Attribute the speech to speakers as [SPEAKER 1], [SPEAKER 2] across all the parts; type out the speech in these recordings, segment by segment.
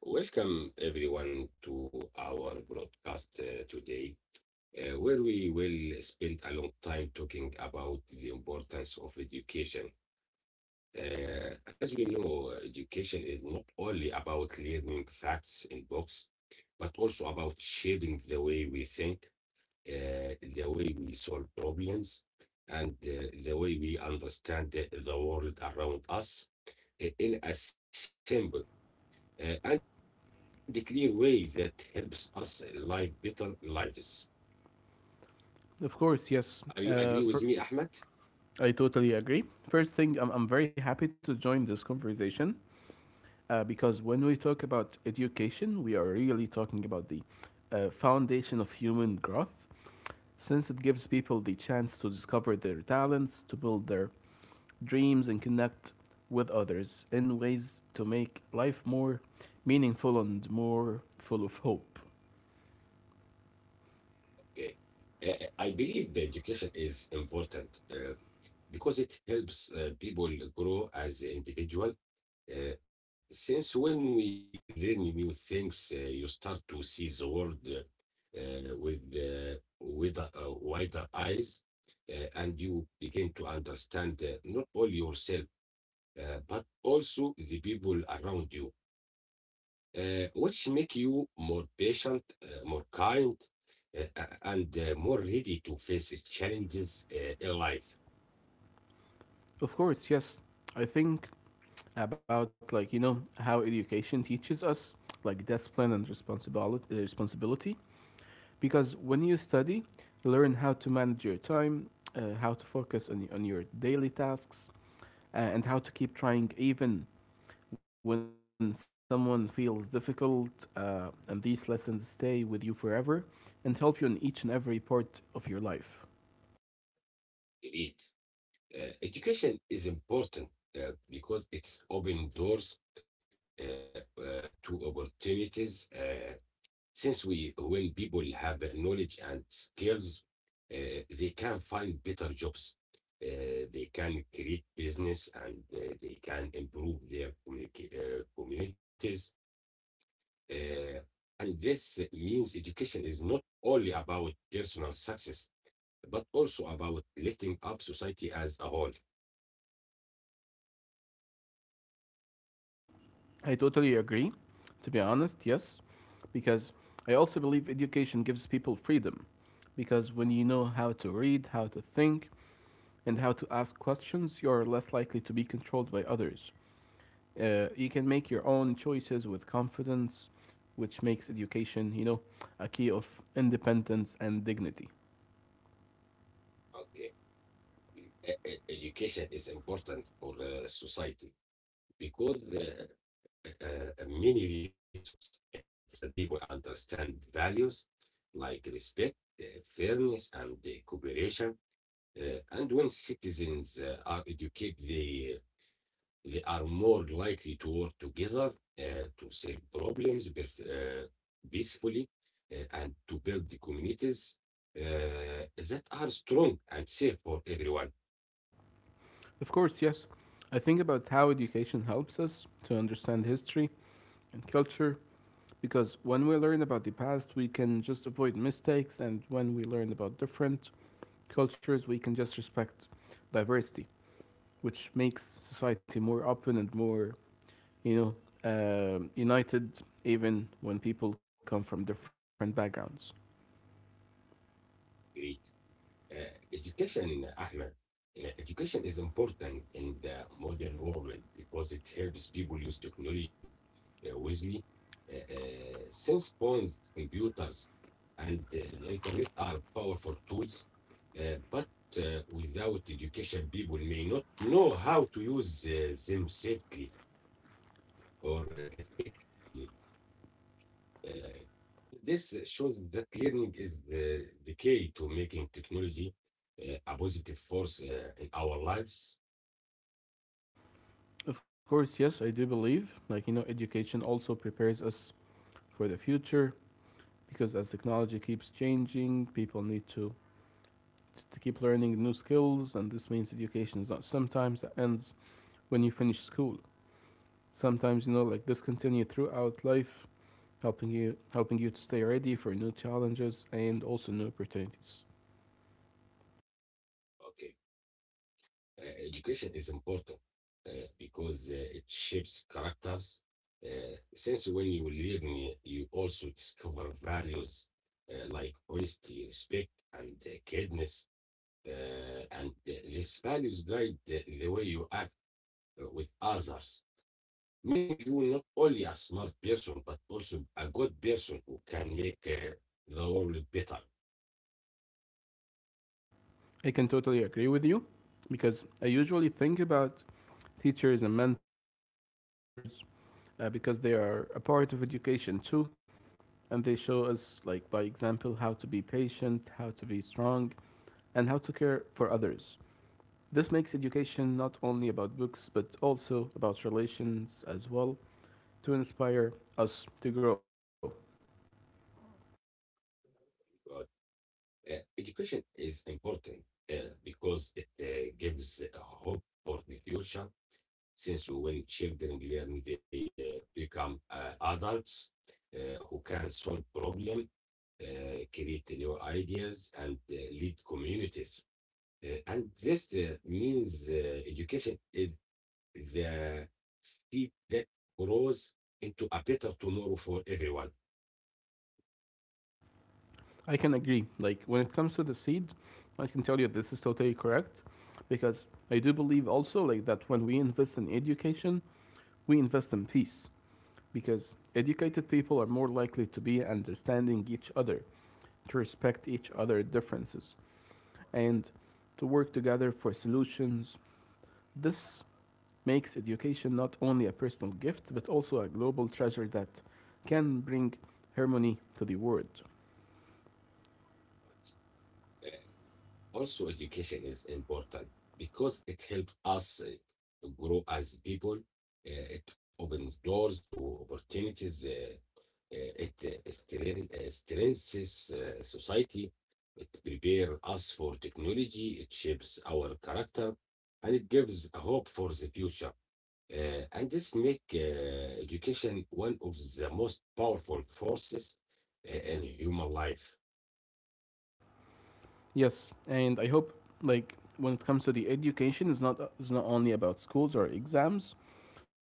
[SPEAKER 1] Welcome everyone to our broadcast today, where we will spend a long time talking about the importance of education. As we know, education is not only about learning facts in books, but also about shaping the way we think, the way we solve problems, and the way we understand the world around us. In a simple and clear way that helps us live better lives.
[SPEAKER 2] Of course, yes.
[SPEAKER 1] Are you agree with me, Ahmed?
[SPEAKER 2] I totally agree. First thing, I'm very happy to join this conversation because when we talk about education, we are really talking about the foundation of human growth since it gives people the chance to discover their talents, to build their dreams, and connect with others in ways to make life more meaningful and more full of hope.
[SPEAKER 1] Okay. I believe the education is important because it helps people grow as individual. Since when we learn new things, you start to see the world with wider eyes, and you begin to understand not only yourself but also the people around you, which make you more patient, more kind, and more ready to face challenges in life.
[SPEAKER 2] Of course, yes, I think about how education teaches us like discipline and responsibility because when you study you learn how to manage your time, how to focus on your daily tasks, and how to keep trying even when someone feels difficult, and these lessons stay with you forever and help you in each and every part of your life.
[SPEAKER 1] Indeed, education is important because it's opening doors to opportunities. Since when people have knowledge and skills, they can find better jobs. They can create business and they can improve their communities. Uh, and this means education is not only about personal success, but also about lifting up society as a whole.
[SPEAKER 2] I totally agree, to be honest, yes, because I also believe education gives people freedom. Because when you know how to read, how to think, and how to ask questions, you're less likely to be controlled by others. You can make your own choices with confidence, which makes education, a key of independence and dignity.
[SPEAKER 1] Okay. Education is important for society because many reasons. It helps other people understand values like respect, uh, fairness, and cooperation. And when citizens are educated, they are more likely to work together, to solve problems but peacefully, and to build the communities that are strong and safe for everyone.
[SPEAKER 2] Of course, yes, I think about how education helps us to understand history and culture. Because when we learn about the past, we can just avoid mistakes, and when we learn about different cultures, we can just respect diversity, which makes society more open and more, you know, united, even when people come from different backgrounds.
[SPEAKER 1] Agree. Uh, Education, Ahmed, education is important in the modern world because it helps people use technology wisely. Since phones, computers, and the internet are powerful tools, but without education, people may not know how to use them safely or effectively. Uh, This shows that learning is the key to making technology a positive force in our lives.
[SPEAKER 2] Of course, yes, I do believe, education also prepares us for the future because as technology keeps changing, people need to keep learning new skills, and this means education is not sometimes that ends when you finish school. Sometimes like this continue throughout life, helping you to stay ready for new challenges and also new opportunities.
[SPEAKER 1] Okay. Education is important because it shapes characters. Since when you learn, you also discover values like honesty, respect, and kindness. And these values guide the way you act with others, making you not only a smart person but also a good person who can make the world better.
[SPEAKER 2] I can totally agree with you because I usually think about teachers and mentors, because they are a part of education too and they show us like by example how to be patient, how to be strong, and how to care for others. This makes education not only about books but also about relations as well, to inspire us to grow.
[SPEAKER 1] But, education is important uh, because it gives hope for the future. Since when children learn, they become adults who can solve problems, create new ideas, and lead communities. And this means education is the seed that grows into a better tomorrow for everyone.
[SPEAKER 2] I can agree. Like when it comes to the seed, I can tell you this is totally correct because I do believe also like that when we invest in education, we invest in peace because educated people are more likely to be understanding each other, to respect each other's differences and to work together for solutions. This makes education not only a personal gift but also a global treasure that can bring harmony to the world.
[SPEAKER 1] Also, education is important because it helps us to grow as people. It opens doors to opportunities. It strengthens society. It prepares us for technology. It shapes our character, and it gives a hope for the future. And this make education one of the most powerful forces in human life.
[SPEAKER 2] Yes, and I hope like when it comes to the education, it's not only about schools or exams,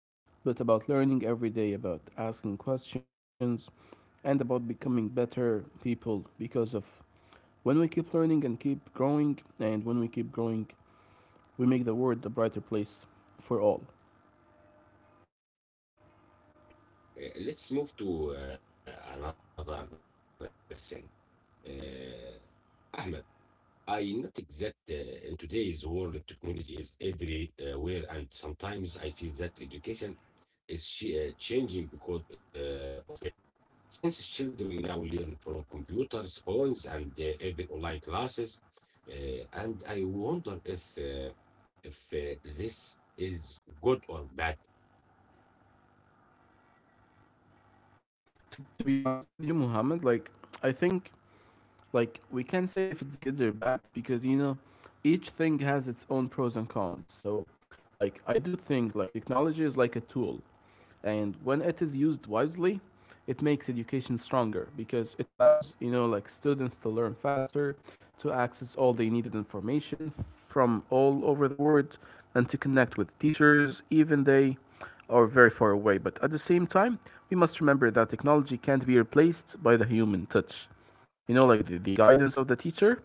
[SPEAKER 2] but about learning every day, about asking questions, and about becoming better people. Because of when we keep learning and keep growing, and when we keep growing, we make the world a brighter place for all.
[SPEAKER 1] Uh, let's move to another thing. Ahmed, I noticed that in today's world, technology is everywhere, and sometimes I feel that education is changing because of it. Since children now learn from computers, phones, and even online classes, uh, and I wonder if if this is good or bad.
[SPEAKER 2] To be honest with you, Muhammad, like I think like we can say if it's good or bad because each thing has its own pros and cons, so like I do think like technology is like a tool, and when it is used wisely it makes education stronger because it allows like students to learn faster, to access all they needed information from all over the world, and to connect with teachers even they are very far away. But at the same time we must remember that technology can't be replaced by the human touch, like the guidance of the teacher,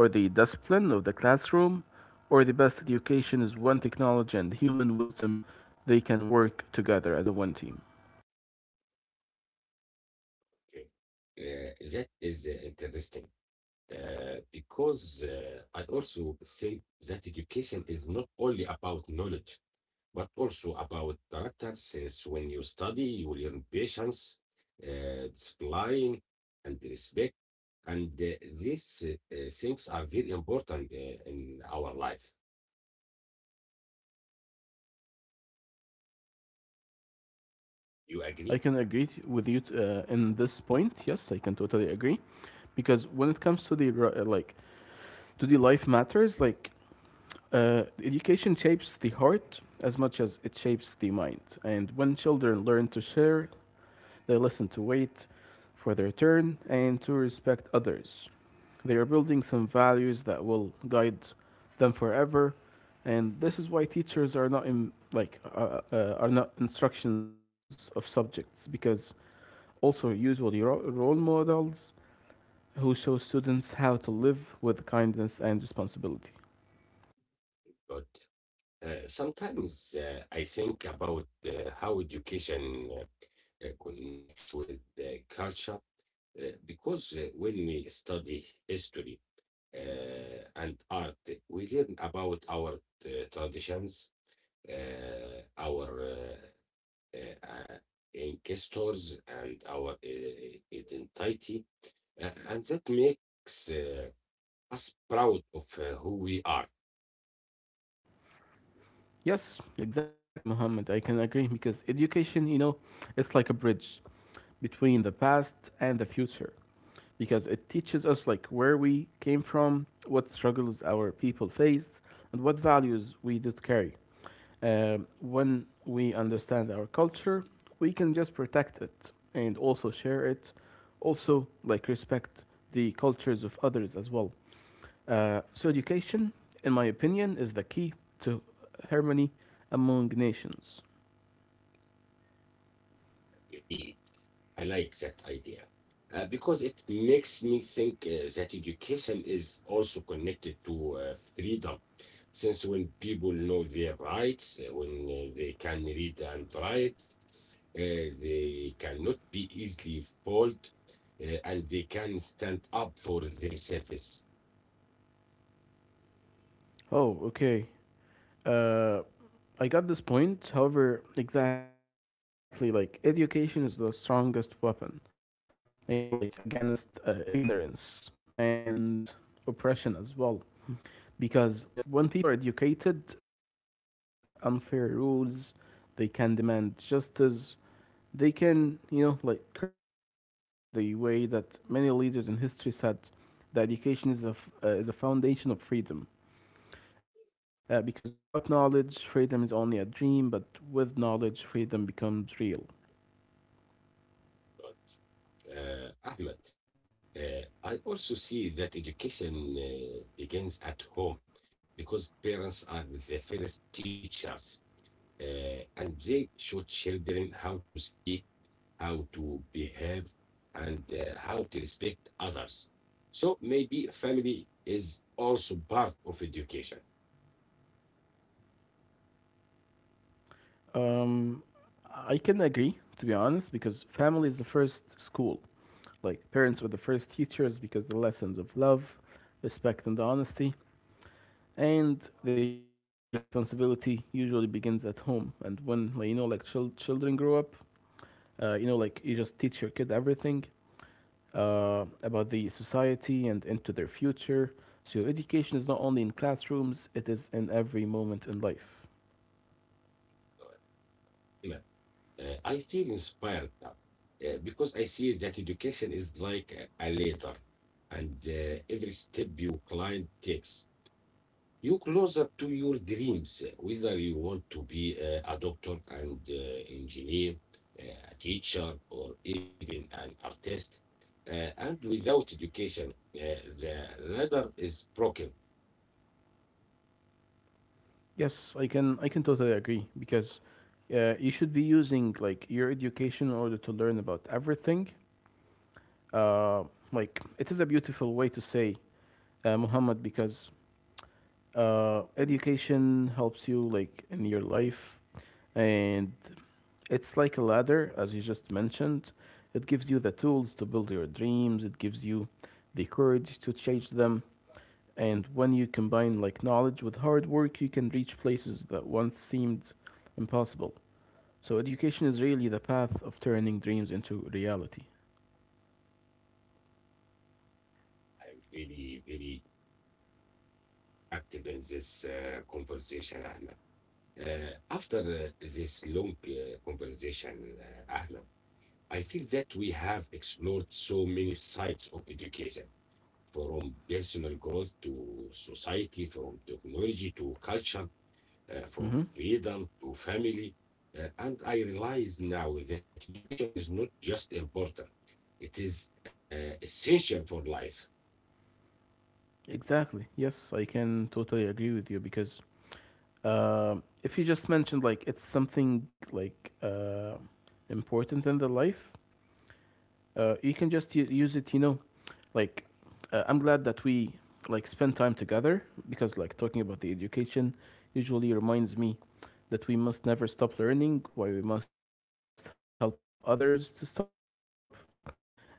[SPEAKER 2] or the discipline of the classroom, or the best education is when technology and human wisdom they can work together as a one team.
[SPEAKER 1] Okay. That is interesting because I also think that education is not only about knowledge, but also about character, since when you study, you learn patience, discipline, and respect. And these things are very important in our life. You agree?
[SPEAKER 2] I can agree with you in this point. Yes, I can totally agree, because when it comes to the like to the life matters, like education shapes the heart as much as it shapes the mind. And when children learn to share, they listen to wait for their turn and to respect others. They are building some values that will guide them forever, and this is why teachers are not in like are not instructions of subjects because also usually role models who show students how to live with kindness and responsibility.
[SPEAKER 1] But sometimes I think about how education connects with the culture, because when we study history and art, we learn about our traditions, our ancestors and our identity, and that makes us proud of who we are.
[SPEAKER 2] Yes, exactly, Muhammad. I can agree because education, it's like a bridge between the past and the future. Because it teaches us like where we came from, what struggles our people faced, and what values we did carry. When we understand our culture, we can just protect it and also share it, also like respect the cultures of others as well. So education, in my opinion, is the key to harmony among nations.
[SPEAKER 1] Really. I like that idea because it makes me think that education is also connected to freedom. Since when people know their rights, when they can read and write, they cannot be easily fooled, and they can stand up for themselves.
[SPEAKER 2] Oh, okay. Uh, I got this point. However, exactly like education is the strongest weapon. You know, like against ignorance and oppression as well. Because when people are educated, they can question unfair rules. They can demand justice. They can, like create changes in the way that many leaders in history said that education is is a foundation of freedom. Because without knowledge, freedom is only a dream, but with knowledge, freedom becomes real.
[SPEAKER 1] Ahmed, I also see that education begins at home because parents are the first teachers, and they show children how to speak, how to behave, and how to respect others. So maybe family is also part of education.
[SPEAKER 2] Um, I can agree, to be honest, because family is the first school. Like, parents were the first teachers because the lessons of love, respect, and honesty, and the responsibility usually begins at home. And when, like children grow up, like you just teach your kid everything, about the society and into their future. So education is not only in classrooms, it is in every moment in life.
[SPEAKER 1] Iman, I feel inspired now because I see that education is like a ladder, and every step you climb takes you closer to your dreams, whether you want to be a doctor and engineer, uh, a teacher, or even an artist. And without education, the ladder is broken.
[SPEAKER 2] Yes, I can totally agree because you should be using like your education in order to learn about everything. Uh, like it is a beautiful way to say, Muhammad, because education helps you like in your life, and it's like a ladder as you just mentioned. It gives you the tools to build your dreams, it gives you the courage to chase them, and when you combine like knowledge with hard work you can reach places that once seemed impossible. So education is really the path of turning dreams into reality.
[SPEAKER 1] I'm really, very active in this conversation, Ahmed. After this long conversation, Ahmed, I feel that we have explored so many sides of education, from personal growth to society, from technology to culture, from
[SPEAKER 2] Mm-hmm.
[SPEAKER 1] freedom to family. And I realize now that education is not just important, it is essential for life.
[SPEAKER 2] Exactly, yes, I can totally agree with you because, um, if you just mentioned like it's something like important in the life, you can just use it. Like I'm glad that we like spend time together because like talking about the education usually reminds me that we must never stop learning, why we must help others to stop. Uh,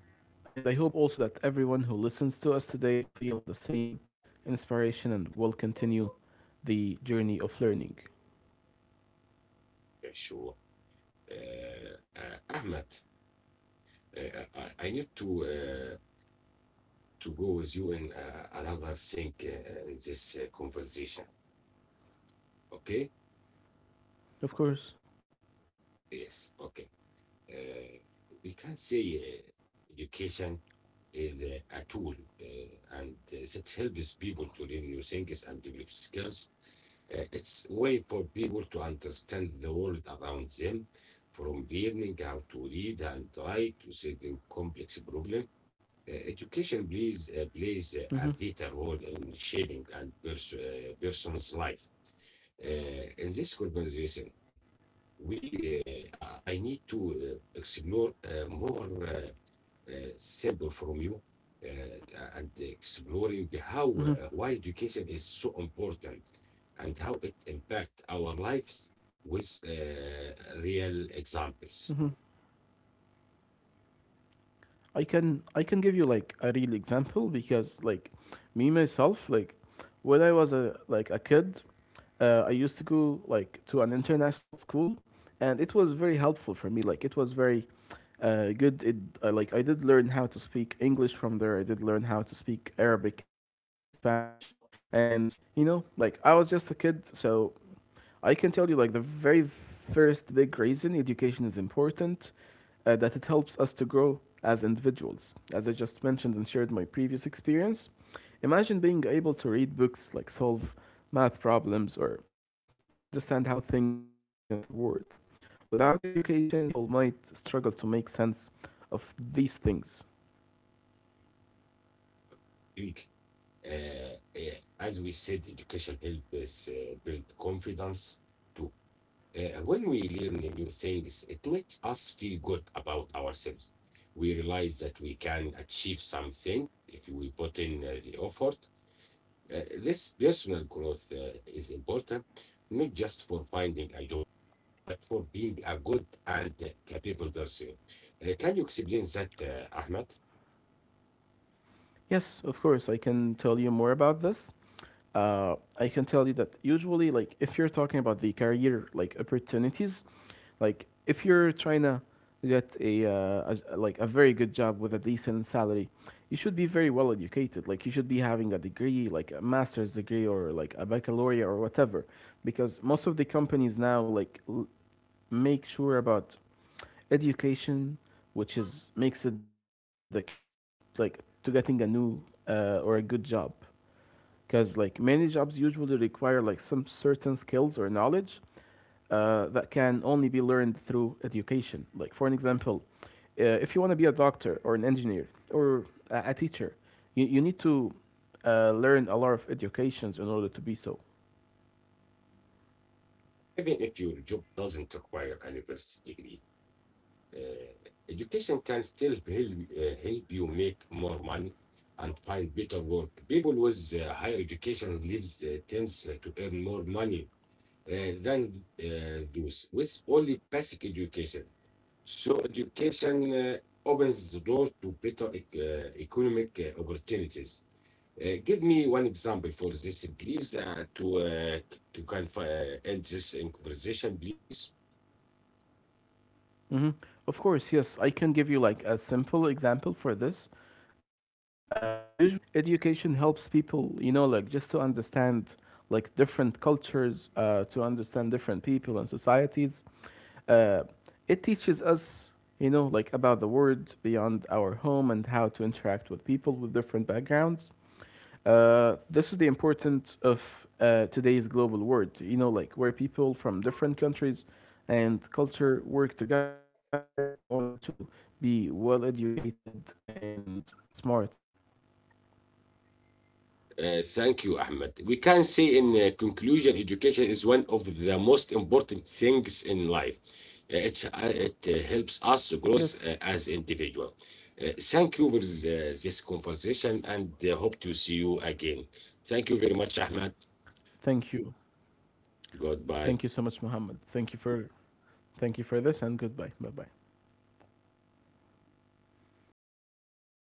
[SPEAKER 2] and I hope also that everyone who listens to us today feel the same inspiration and will continue the journey of learning.
[SPEAKER 1] Yeah, sure. Ahmed, uh, I need to go with you in another thing in this conversation. Okay?
[SPEAKER 2] Of course.
[SPEAKER 1] Yes, okay. Uh, we can say education uh, a tool and it helps people to learn new things and develop skills. It's a way for people to understand the world around them, from learning how to read and write to solving complex problems. Education plays a
[SPEAKER 2] Mhm.
[SPEAKER 1] vital role in shaping and person's life. In this conversation, we I need to explore more simple from you and exploring how
[SPEAKER 2] Mhm.
[SPEAKER 1] why education is so important and how it impacts our lives with real
[SPEAKER 2] Mhm.
[SPEAKER 1] examples.
[SPEAKER 2] I can give you like a real example because like me myself like when I was a like a kid, I used to go like to an international school and it was very helpful for me. Like it was very good. It I like I did learn how to speak English from there. I did learn how to speak Arabic and Spanish, and like I was just a kid, so I can tell you, like, the very first big reason education is important, that it helps us to grow as individuals. As I just mentioned and shared my previous experience, imagine being able to read books, like, solve math problems or understand how things work in the world. Without education, people might struggle to make sense of these things.
[SPEAKER 1] Really. Uh, uh, as we said, education helps build confidence too. When we learn new things, it makes us feel good about ourselves. We realize that we can achieve something if we put in the effort. This personal growth is important, not just for finding a job, but for being a good and capable person. Can you explain that, Ahmed?
[SPEAKER 2] Yes, of course, I can tell you more about this. I can tell you that usually, like, if you're talking about the career like opportunities, like if you're trying to get a like a very good job with a decent salary, you should be very well educated. Like, you should be having a degree, like a master's degree or like a baccalaureate or whatever, because most of the companies now make sure about education, which is makes it the key to like to getting a new or a good job, because like many jobs usually require like some certain skills or knowledge that can only be learned through education. Like for an example, if you want to be a doctor or an engineer or a teacher, you need to learn a lot of educations in order to be so.
[SPEAKER 1] Even if your job doesn't require a university degree, education can still help, help you make more money and find better work. People with higher education lives tends to earn more money than those with only basic education. So education opens the door to better economic opportunities. Give me one example for this, please, to to kind of end this in conversation, please.
[SPEAKER 2] Hmm. Of course, yes. I can give you like a simple example for this. Usually, education helps people, like just to understand like different cultures, to understand different people and societies. Uh, it teaches us, like about the world beyond our home and how to interact with people with different backgrounds. This is the importance of today's global world, like where people from different countries and culture work together in order to be well educated and smarter.
[SPEAKER 1] Thank you, Ahmed. We can say in conclusion, education is one of the most important things in life. It helps us to grow
[SPEAKER 2] Yes,
[SPEAKER 1] as individual. Thank you for this this conversation and hope to see you again. Thank you very much, Ahmed.
[SPEAKER 2] thank you.
[SPEAKER 1] God
[SPEAKER 2] Thank you
[SPEAKER 1] by
[SPEAKER 2] so much, Muhammad. Thank you for this and goodbye. Bye bye.